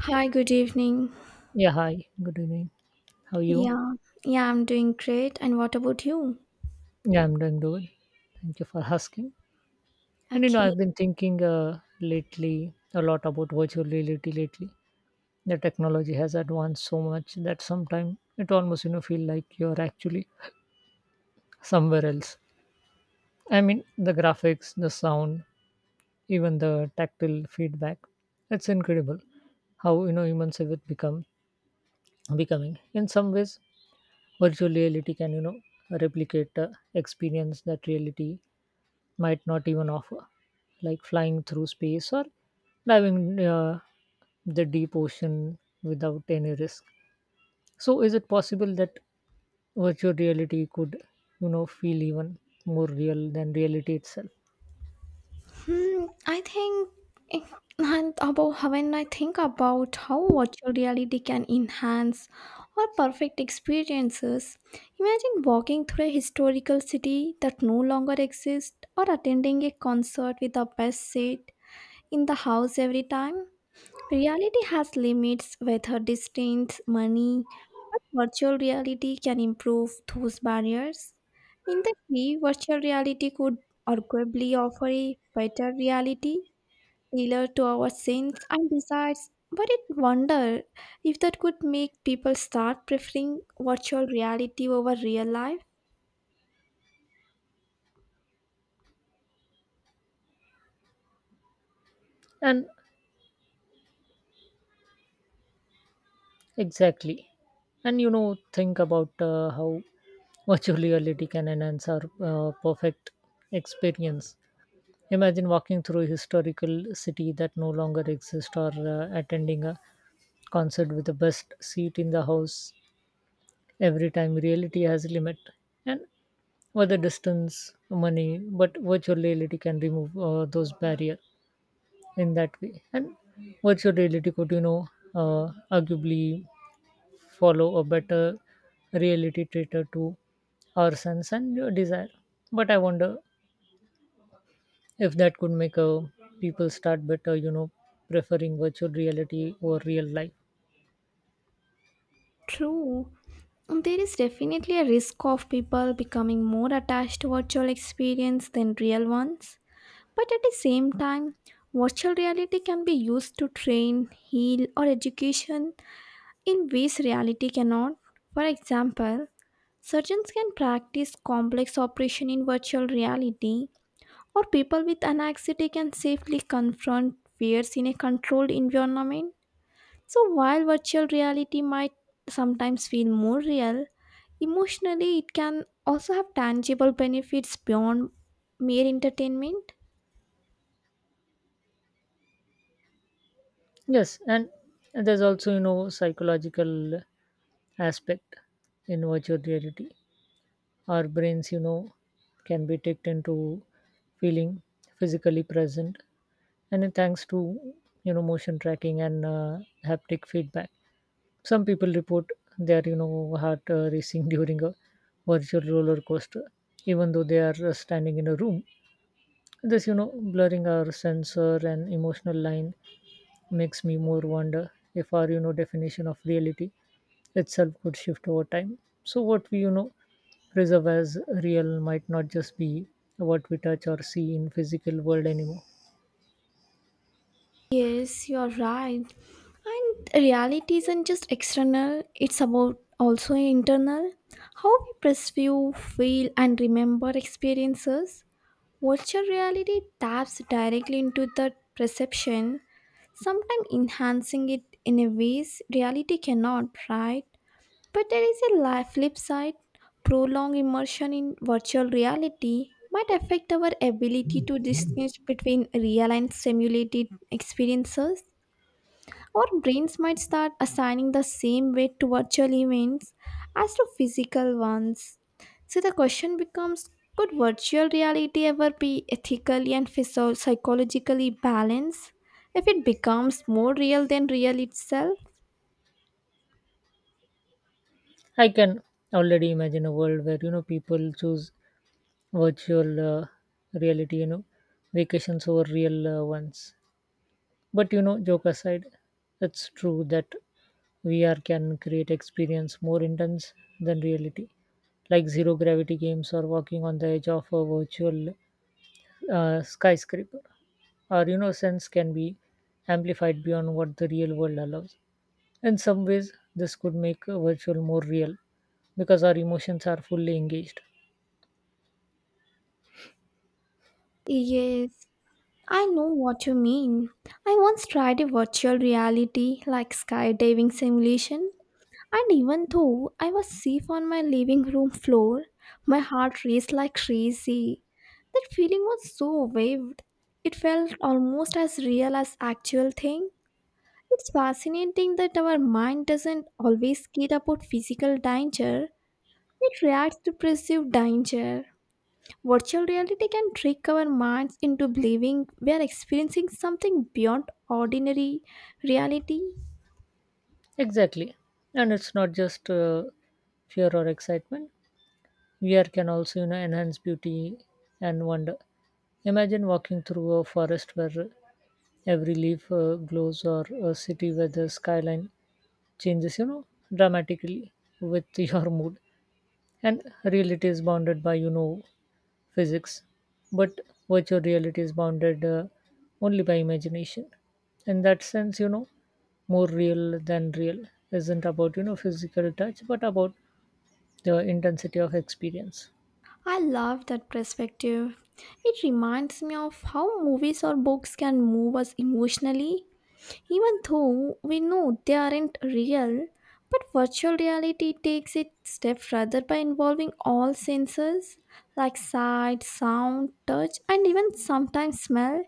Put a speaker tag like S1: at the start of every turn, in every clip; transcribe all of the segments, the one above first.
S1: Hi, good evening.
S2: Yeah, hi. Good evening. How are you?
S1: Yeah, yeah, I'm doing great. And what about you?
S2: Yeah, I'm doing good. Thank you for asking.
S1: Okay.
S2: I've been thinking lately a lot about virtual reality lately. The technology has advanced so much that sometimes it almost, feel like you're actually somewhere else. I mean, the graphics, the sound, even the tactile feedback. It's incredible how, humans have become becoming in some ways virtual reality can replicate experience that reality might not even offer, like flying through space or diving the deep ocean without any risk. So is it possible that virtual reality could feel even more real than reality itself?
S1: Hmm, I think eh, and about when I think about how virtual reality can enhance our perfect experiences, imagine walking through a historical city that no longer exists or attending a concert with the best seat in the house every time. Reality has limits with her distance, money, but virtual reality can improve those barriers. In the way, virtual reality could arguably offer a better reality tailored to our sense and desires. But it wonder if that could make people start preferring virtual reality over real life.
S2: And exactly, and think about how virtual reality can enhance our perfect experience. Imagine walking through a historical city that no longer exists, or attending a concert with the best seat in the house every time. Reality has a limit, and whether distance, money, but virtual reality can remove those barriers. In that way, and virtual reality could arguably follow a better reality traitor to our sense and your desire. But I wonder if that could make people start better preferring virtual reality over real life.
S1: True, there is definitely a risk of people becoming more attached to virtual experience than real ones. But at the same time, virtual reality can be used to train, heal, or education in ways reality cannot. For example, surgeons can practice complex operation in virtual reality, or people with anxiety can safely confront fears in a controlled environment. So while virtual reality might sometimes feel more real, emotionally it can also have tangible benefits beyond mere entertainment.
S2: Yes, and there's also psychological aspect. In virtual reality our brains can be tricked into feeling physically present, and then thanks to motion tracking and haptic feedback, some people report their heart racing during a virtual roller coaster, even though they are standing in a room. This, you know, blurring our sensor and emotional line makes me more wonder if our, definition of reality itself could shift over time. So, what we, preserve as real might not just be what we touch or see in physical world anymore.
S1: Yes, you are right. And reality isn't just external, it's about also internal. How we perceive, feel, and remember experiences. Virtual reality taps directly into that perception, sometimes enhancing it in a ways reality cannot, right? But there is a flip side. Prolonged immersion in virtual reality might affect our ability to distinguish between real and simulated experiences our brains might start assigning the same weight to virtual events as to physical ones. So the question becomes could virtual reality ever be ethically and psychologically balanced if it becomes more real than real itself?
S2: I can already imagine a world where, people choose virtual reality, vacations over real ones. But joke aside, it's true that VR can create experience more intense than reality, like zero gravity games or walking on the edge of a virtual skyscraper. Our sense can be amplified beyond what the real world allows. In some ways, this could make a virtual more real because our emotions are fully engaged.
S1: Yes, I know what you mean. I once tried a virtual reality like skydiving simulation And even though I was safe on my living room floor, my heart raced like crazy. That feeling was so vivid. It felt almost as real as actual thing. It's fascinating that our mind doesn't always care about physical danger. It reacts to perceived danger. Virtual reality can trick our minds into believing we are experiencing something beyond ordinary reality.
S2: Exactly, and it's not just fear or excitement; VR can also, enhance beauty and wonder. Imagine walking through a forest where every leaf glows, or a city where the skyline changes, dramatically with your mood. And reality is bounded by, physics, but virtual reality is bounded only by imagination. In that sense, more real than real isn't about, physical touch, but about the intensity of experience.
S1: I love that perspective. It reminds me of how movies or books can move us emotionally, even though we know they aren't real. But virtual reality takes it step further by involving all senses like sight, sound, touch, and even sometimes smell.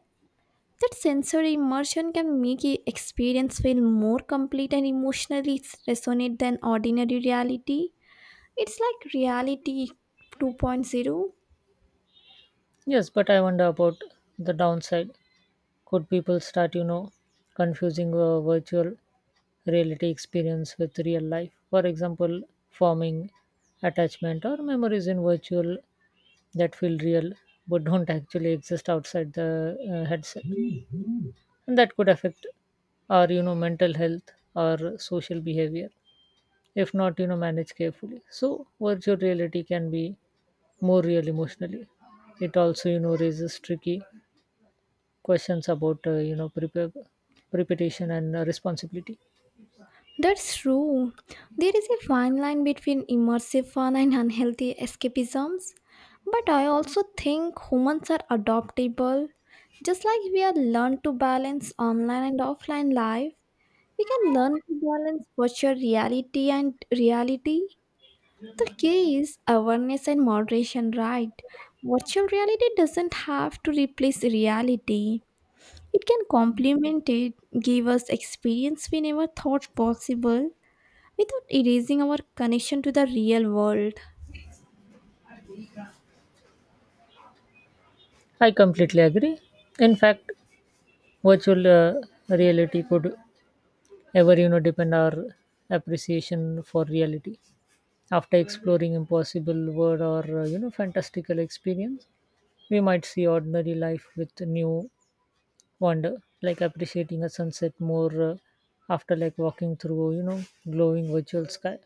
S1: That sensory immersion can make the experience feel more complete and emotionally resonate than ordinary reality. It's like reality two point zero.
S2: Yes, but I wonder about the downside. Could people start, confusing a virtual reality experience with real life? For example, forming attachment or memories in virtual that feel real but don't actually exist outside the headset. And that could affect our, mental health or social behavior if not, managed carefully. So, virtual reality can be more real emotionally. It also, raises tricky questions about preparation and responsibility.
S1: That's true. There is a fine line between immersive fun and unhealthy escapisms. But I also think humans are adaptable. Just like we have learned to balance online and offline life, we can learn to balance virtual reality and reality. The key is awareness and moderation, right? Virtual reality doesn't have to replace reality. It can complement it, give us experience we never thought possible without erasing our connection to the real world.
S2: I completely agree. In fact, virtual reality could ever depend our appreciation for reality. After exploring impossible world, or fantastical experience, we might see ordinary life with new wonder, like appreciating a sunset more after like walking through glowing virtual sky.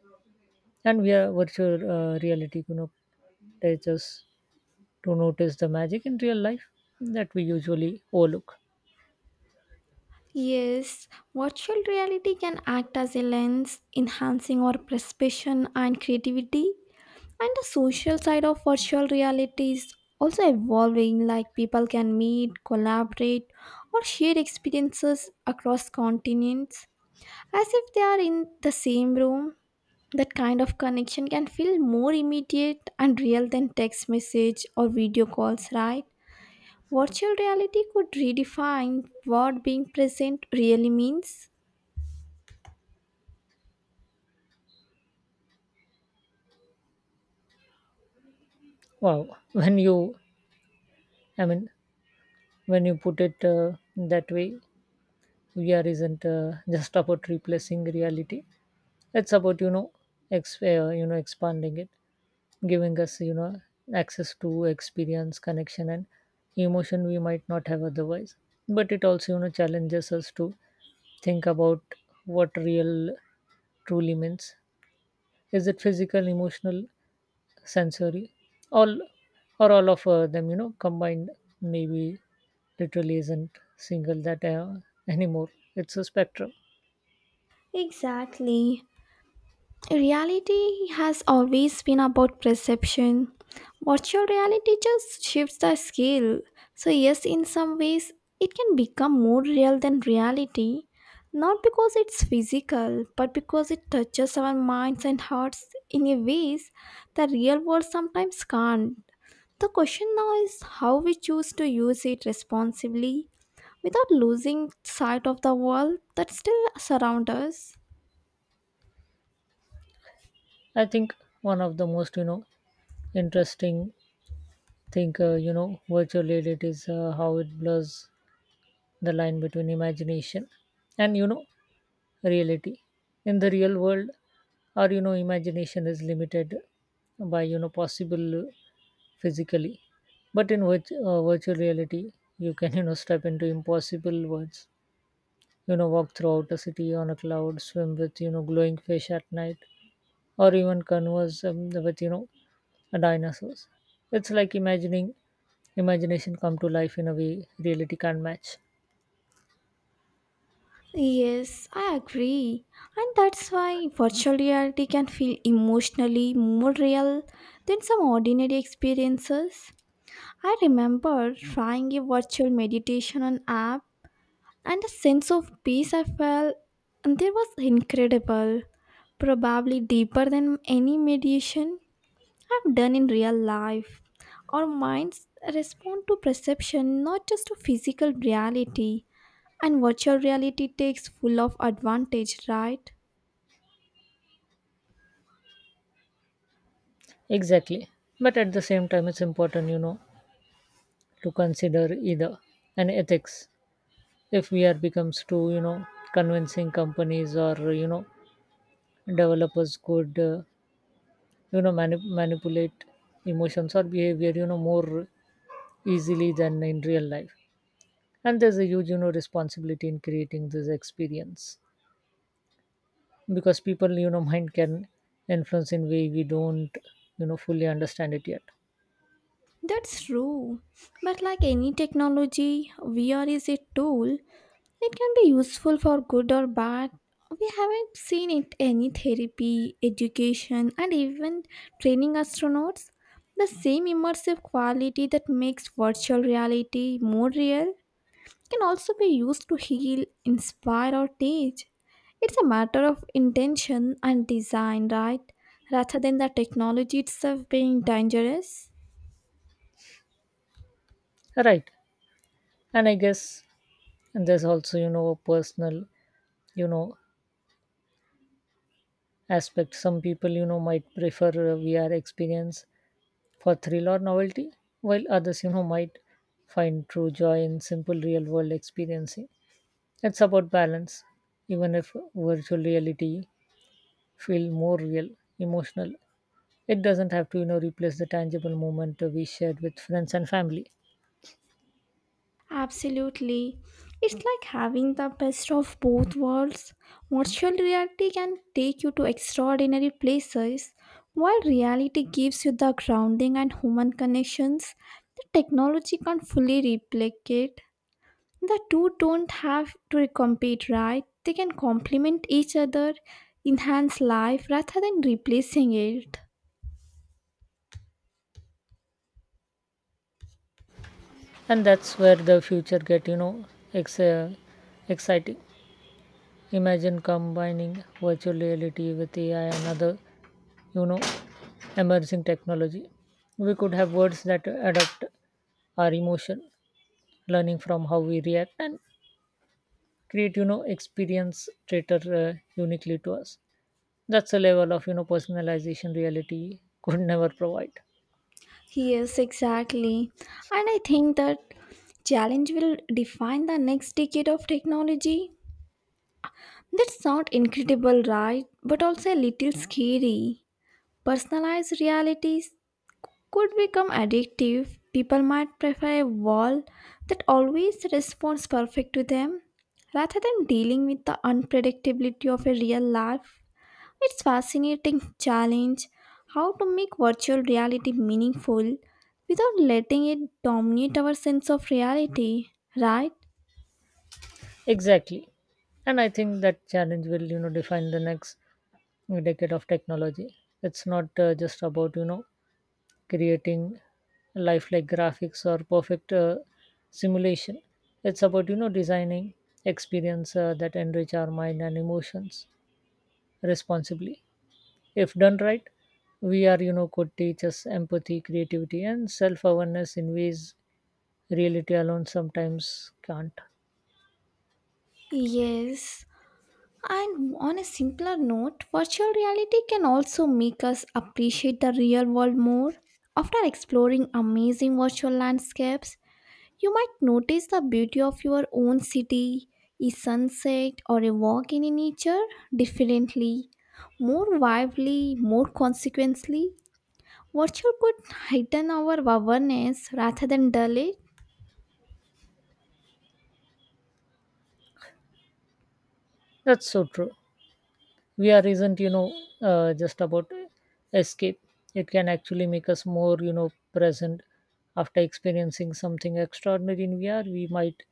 S2: And we are virtual reality teaches to notice the magic in real life that we usually overlook.
S1: Yes, virtual reality can act as a lens, enhancing our perception and creativity. And the social side of virtual reality is also evolving, like people can meet, collaborate, or share experiences across continents as if they are in the same room. That kind of connection can feel more immediate and real than text message or video calls, right? Virtual reality could redefine what being present really means.
S2: Wow, I mean, when you put it that way, VR isn't just about replacing reality. It's about expanding it, giving us access to experience, connection, and emotion we might not have otherwise. But it also challenges us to think about what real truly means. Is it physical, emotional, sensory, all or all of them combined? Maybe literally isn't single that anymore, it's a spectrum.
S1: Exactly. Reality has always been about perception. Virtual reality just shifts the scale. So, yes, in some ways, it can become more real than reality, not because it's physical, but because it touches our minds and hearts in a ways the real world sometimes can't. The question now is how we choose to use it responsibly without losing sight of the world that still surrounds us.
S2: I think one of the most interesting thing virtual reality is how it blurs the line between imagination and reality. In the real world our imagination is limited by possible physically, but in which virtual reality you can step into impossible worlds. You know walk throughout a city on a cloud, swim with glowing fish at night, or even converse with dinosaurs. It's like imagining imagination come to life in a way reality can't match.
S1: Yes, I agree. And that's why virtual reality can feel emotionally more real than some ordinary experiences. I remember trying a virtual meditation on app and the sense of peace I felt and there was incredible, probably deeper than any meditation have done in real life. Our minds respond to perception, not just to physical reality. And virtual reality takes full of advantage, right?
S2: Exactly. But at the same time, it's important, to consider either an ethics. If we are becomes too, convincing, companies or, developers could, manipulate emotions or behavior, more easily than in real life. And there's a huge, responsibility in creating this experience, because people, mind can influence in way we don't, fully understand it yet.
S1: That's true. But like any technology, VR is a tool. It can be useful for good or bad. We haven't seen it any therapy, education, and even training astronauts. The same immersive quality that makes virtual reality more real can also be used to heal, inspire, or teach. It's a matter of intention and design, right? Rather than the technology itself being dangerous.
S2: Right. And I guess and there's also a personal you know aspect. Some people might prefer a VR experience for thrill or novelty, while others might find true joy in simple real world experiencing. It's about balance. Even if virtual reality feel more real emotional, it doesn't have to replace the tangible moment we shared with friends and family.
S1: Absolutely. It's like having the best of both worlds. Virtual reality can take you to extraordinary places, while reality gives you the grounding and human connections that technology can't fully replicate. The two don't have to compete, right? They can complement each other, enhance life rather than replacing it.
S2: And that's where the future get ex- uh, exciting. Imagine combining virtual reality with AI and other, you know, emerging technology. We could have words that adapt our emotion, learning from how we react, and create, experience traitor uniquely to us. That's a level of, personalization reality could never provide.
S1: Yes, exactly. And I think that challenge will define the next decade of technology. That's not incredible, right? But also a little scary. Personalized realities, could become addictive. People might prefer a wall that always responds perfect to them rather than dealing with the unpredictability of a real life. It's fascinating challenge how to make virtual reality meaningful without letting it dominate our sense of reality, right?
S2: Exactly. And I think that challenge will, define the next decade of technology. It's not just about, creating lifelike graphics or perfect simulation. It's about designing experience that enrich our mind and emotions responsibly. If done right, VR could teach us empathy, creativity, and self-awareness in ways reality alone sometimes can't.
S1: Yes. And on a simpler note, virtual reality can also make us appreciate the real world more. After exploring amazing virtual landscapes, you might notice the beauty of your own city, a sunset, or a walk in nature differently, more vividly, more consequently. Virtual could heighten our awareness rather than dull it.
S2: That's so true. VR isn't, just about escape. It can actually make us more, present. After experiencing something extraordinary in VR, we might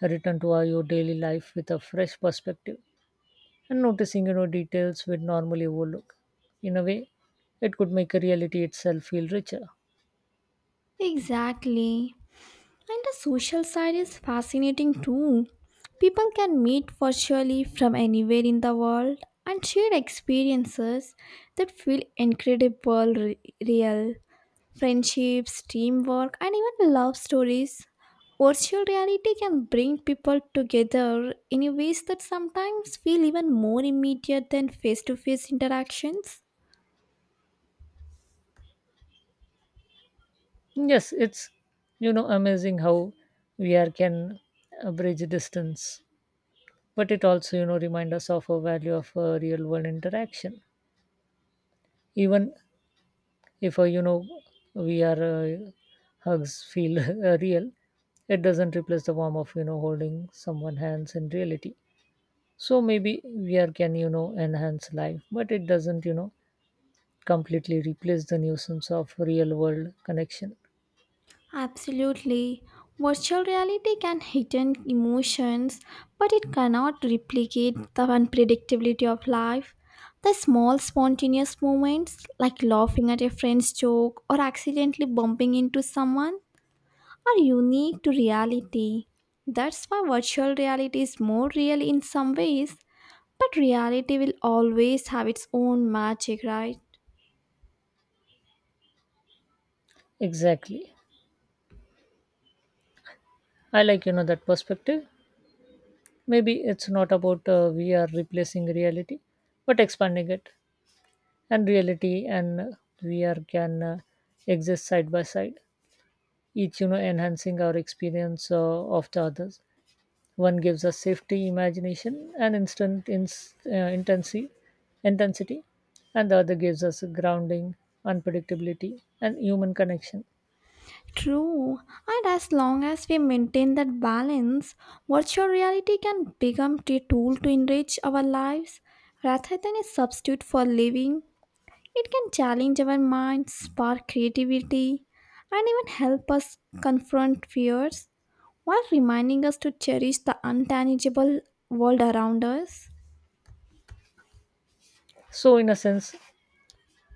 S2: return to our your daily life with a fresh perspective, and noticing, details we'd normally overlook. In a way, it could make reality itself feel richer.
S1: Exactly. And the social side is fascinating too. People can meet virtually from anywhere in the world and share experiences that feel incredible real. Friendships, teamwork, and even love stories. Virtual reality can bring people together in ways that sometimes feel even more immediate than face to face interactions.
S2: Yes, it's, amazing how VR can bridge distance, but it also, remind us of a value of real world interaction. Even if we are hugs feel real, it doesn't replace the warmth of holding someone hands in reality. So maybe VR can enhance life, but it doesn't completely replace the nuisance of real world connection.
S1: Absolutely. Virtual reality can heighten emotions, but it cannot replicate the unpredictability of life. The small spontaneous moments, like laughing at a friend's joke or accidentally bumping into someone, are unique to reality. That's why virtual reality is more real in some ways, but reality will always have its own magic, right?
S2: Exactly, I like that perspective. Maybe it's not about VR replacing reality, but expanding it. And reality and VR can exist side by side, each enhancing our experience of the others. One gives us safety, imagination and instant ins intensity intensity, and the other gives us grounding, unpredictability and human connection.
S1: True, and as long as we maintain that balance, virtual reality can become a tool to enrich our lives rather than a substitute for living. It can challenge our minds, spark creativity, and even help us confront fears while reminding us to cherish the untangible world around us.
S2: So in a sense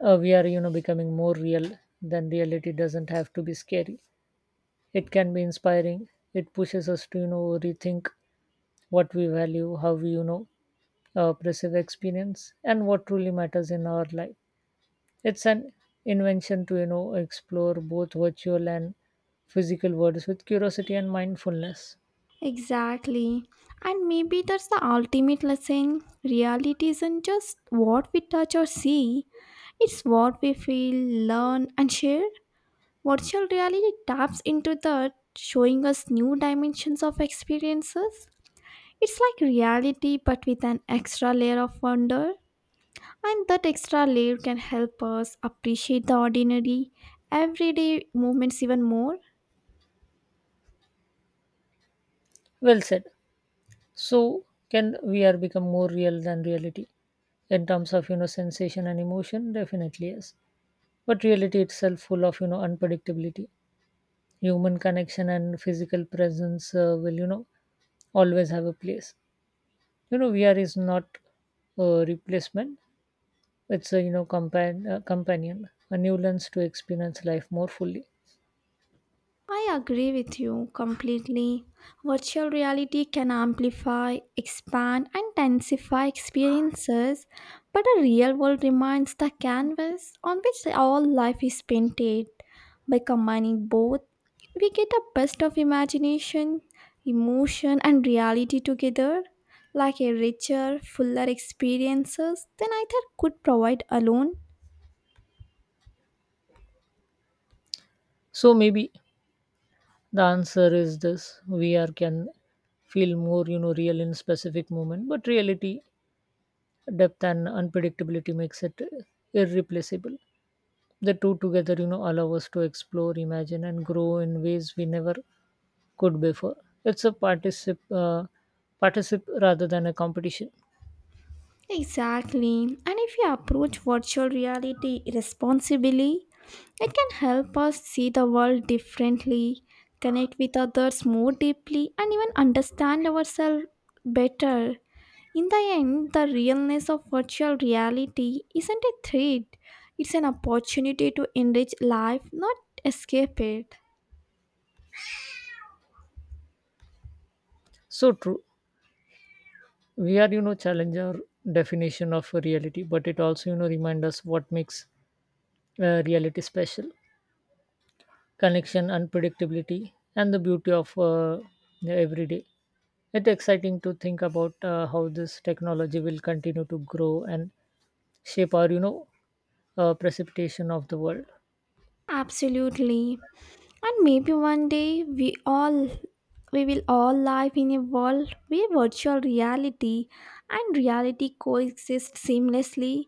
S2: we are becoming more real. Then reality doesn't have to be scary, it can be inspiring. It pushes us to rethink what we value, how we perceive experience, and what truly matters in our life. It's an invention to explore both virtual and physical worlds with curiosity and mindfulness.
S1: Exactly. And maybe that's the ultimate lesson. Reality isn't just what we touch or see, it's what we feel, learn, and share. Virtual reality taps into that, showing us new dimensions of experiences. It's like reality, but with an extra layer of wonder. And that extra layer can help us appreciate the ordinary, everyday moments even more.
S2: Well said. So can VR become more real than reality in terms of sensation and emotion? Definitely yes. But reality itself full of unpredictability. Human connection and physical presence will always have a place. You know VR is not a replacement, it's a companion, a new lens to experience life more fully.
S1: I agree with you completely. Virtual reality can amplify, expand, and densify experiences, but the real world remains the canvas on which all life is painted. By combining both, we get the best of imagination, emotion, and reality together, like a richer, fuller experiences than either could provide alone.
S2: So maybe the answer is this: VR can feel more real in specific moment, but reality depth and unpredictability makes it irreplaceable. The two together allow us to explore, imagine and grow in ways we never could before. It's a particip rather than a competition.
S1: Exactly. And if you approach virtual reality responsibly, it can help us see the world differently, connect with others more deeply, and even understand ourselves better. In the end, the realness of virtual reality isn't a threat, it's an opportunity to enrich life, not escape it.
S2: So true, we are challenge our definition of reality, but it also remind us what makes reality special: connection, unpredictability and the beauty of the everyday. It's exciting to think about how this technology will continue to grow and shape our precipitation of the world.
S1: Absolutely. And maybe one day we will all live in a world where virtual reality and reality coexist seamlessly,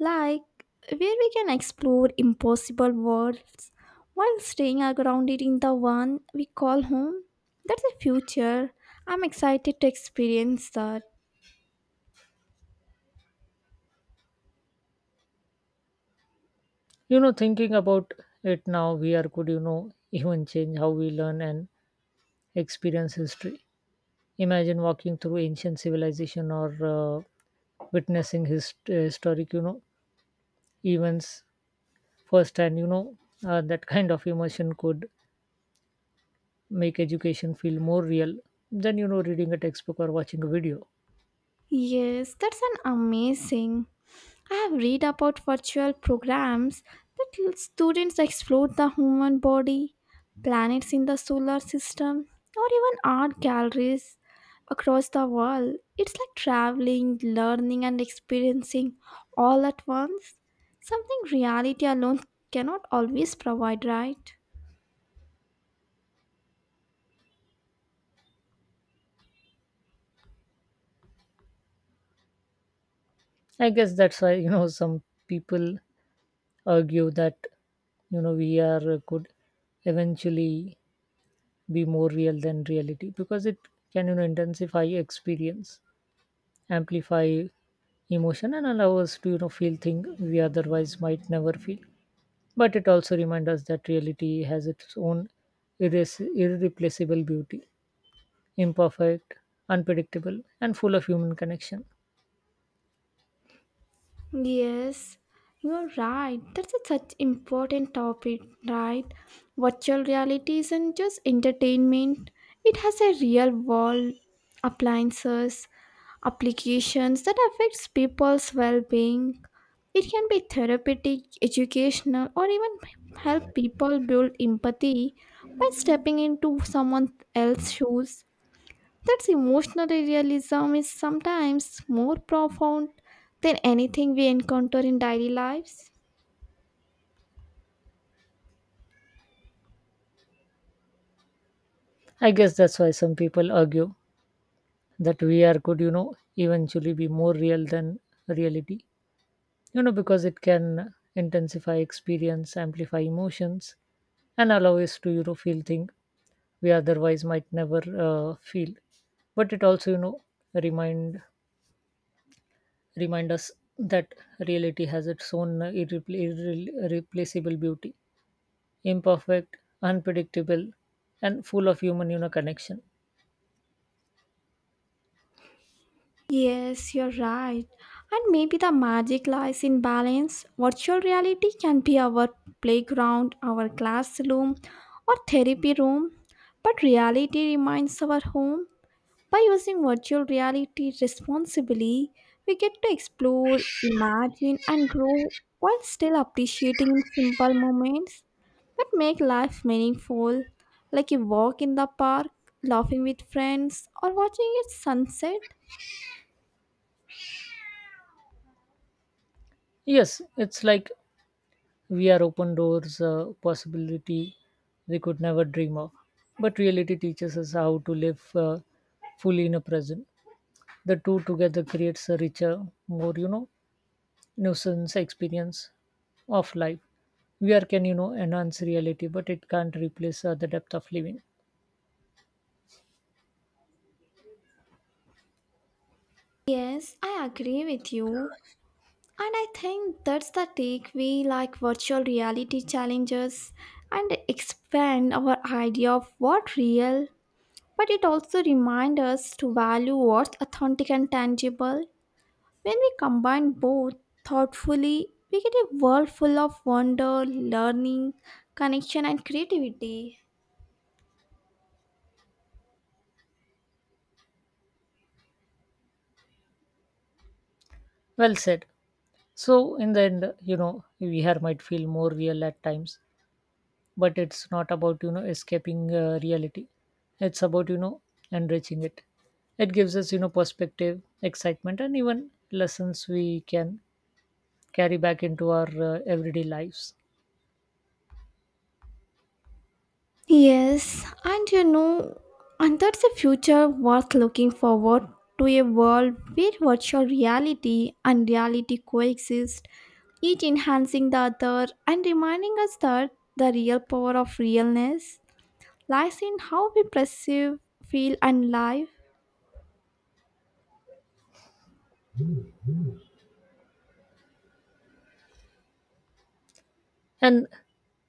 S1: like where we can explore impossible worlds while staying are grounded in the one we call home. That's a future. I'm excited to experience that.
S2: You know thinking about it now, we are could even change how we learn and experience history. Imagine walking through ancient civilization, or witnessing historic, events firsthand. You know, that kind of immersion could make education feel more real than reading a textbook or watching a video.
S1: Yes, that's an amazing. I have read about virtual programs that students explore the human body, planets in the solar system, or even art galleries across the world. It's like traveling, learning, and experiencing all at once. Something reality alone cannot always provide, right?
S2: I guess that's why some people argue that VR could eventually be more real than reality, because it can intensify experience, amplify emotion, and allow us to feel things we otherwise might never feel. But it also reminds us that reality has its own irreplaceable beauty: imperfect, unpredictable and full of human connection.
S1: Yes, you're right. That's a such important topic, right? Virtual reality isn't just entertainment. It has a real world appliances, applications that affects people's well-being. It can be therapeutic, educational, or even help people build empathy by stepping into someone else's shoes that's emotional realism is sometimes more profound than anything we encounter in daily lives.
S2: I guess that's why some people argue that VR could eventually be more real than reality, you know because it can intensify experience, amplify emotions, and allow us to feel things we otherwise might never feel. But it also remind remind us that reality has its own irreplaceable beauty: imperfect, unpredictable and full of human connection.
S1: Yes, you're right. And maybe the magic lies in balance. Virtual reality can be our playground, our classroom, or therapy room, but reality remains our home. By using virtual reality responsibly, we get to explore, imagine, and grow while still appreciating simple moments that make life meaningful, like a walk in the park, laughing with friends, or watching a sunset.
S2: Yes, it's like we are open doors, possibility we could never dream of. But reality teaches us how to live fully in the present. The two together creates a richer, more nuisance experience of life. VR can enhance reality, but it can't replace the depth of living.
S1: Yes, I agree with you. And I think that's the take we like virtual reality challenges and expand our idea of what real but it also reminds us to value what's authentic and tangible. When we combine both thoughtfully, we get a world full of wonder, learning, connection, and creativity.
S2: Well said. So in the end, VR might feel more real at times, but it's not about escaping reality, it's about enriching it. It gives us perspective, excitement, and even lessons we can carry back into our everyday lives.
S1: Yes, and that's a future worth looking forward to a world where virtual reality and reality coexist, each enhancing the other and reminding us that the real power of realness lies in how we perceive, feel, and live.
S2: And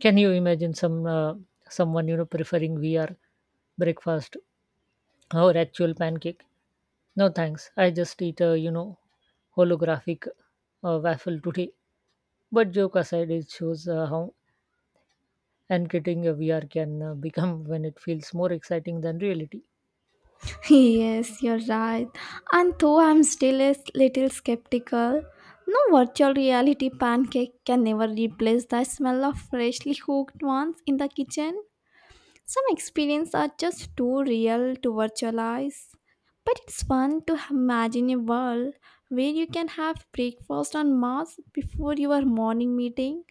S2: can you imagine someone preferring VR breakfast or actual pancake? No thanks, I just eat a holographic waffle today. But joke aside, it shows how and getting a VR can become when it feels more exciting than reality.
S1: Yes, you're right. And though I'm still a little skeptical, no virtual reality pancake can never replace the smell of freshly cooked ones in the kitchen. Some experiences are just too real to virtualize. But it's fun to imagine a world where you can have breakfast on Mars before your morning meeting.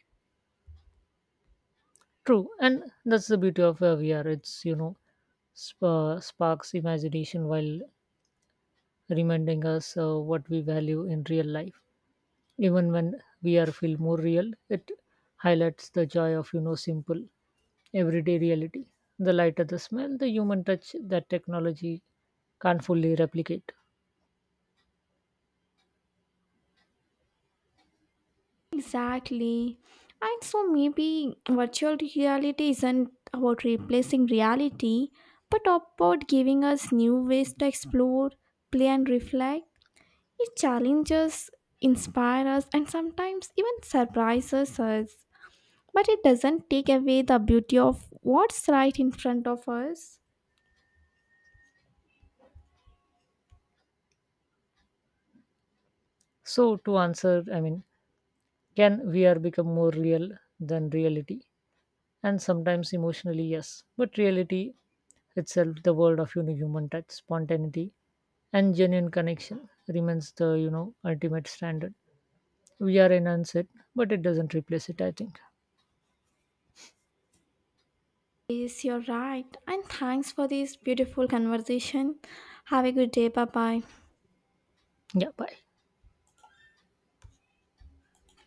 S2: True, and that's the beauty of VR. It's sparks imagination while reminding us what we value in real life. Even when VR feel more real, it highlights the joy of simple everyday reality. The lighter the smell, the human touch that technology can't fully replicate.
S1: Exactly. And so maybe virtual reality isn't about replacing reality, but about giving us new ways to explore, play, and reflect. It challenges, inspires us, and sometimes even surprises us. But it doesn't take away the beauty of what's right in front of us.
S2: So to answer, I mean, can VR become more real than reality? And sometimes emotionally, yes. But reality itself, the world of human touch, spontaneity, and genuine connection remains the ultimate standard. We are enhance it, but it doesn't replace it, I think.
S1: Yes, you're right. And thanks for this beautiful conversation. Have a good day. Bye bye.
S2: Yeah. Bye.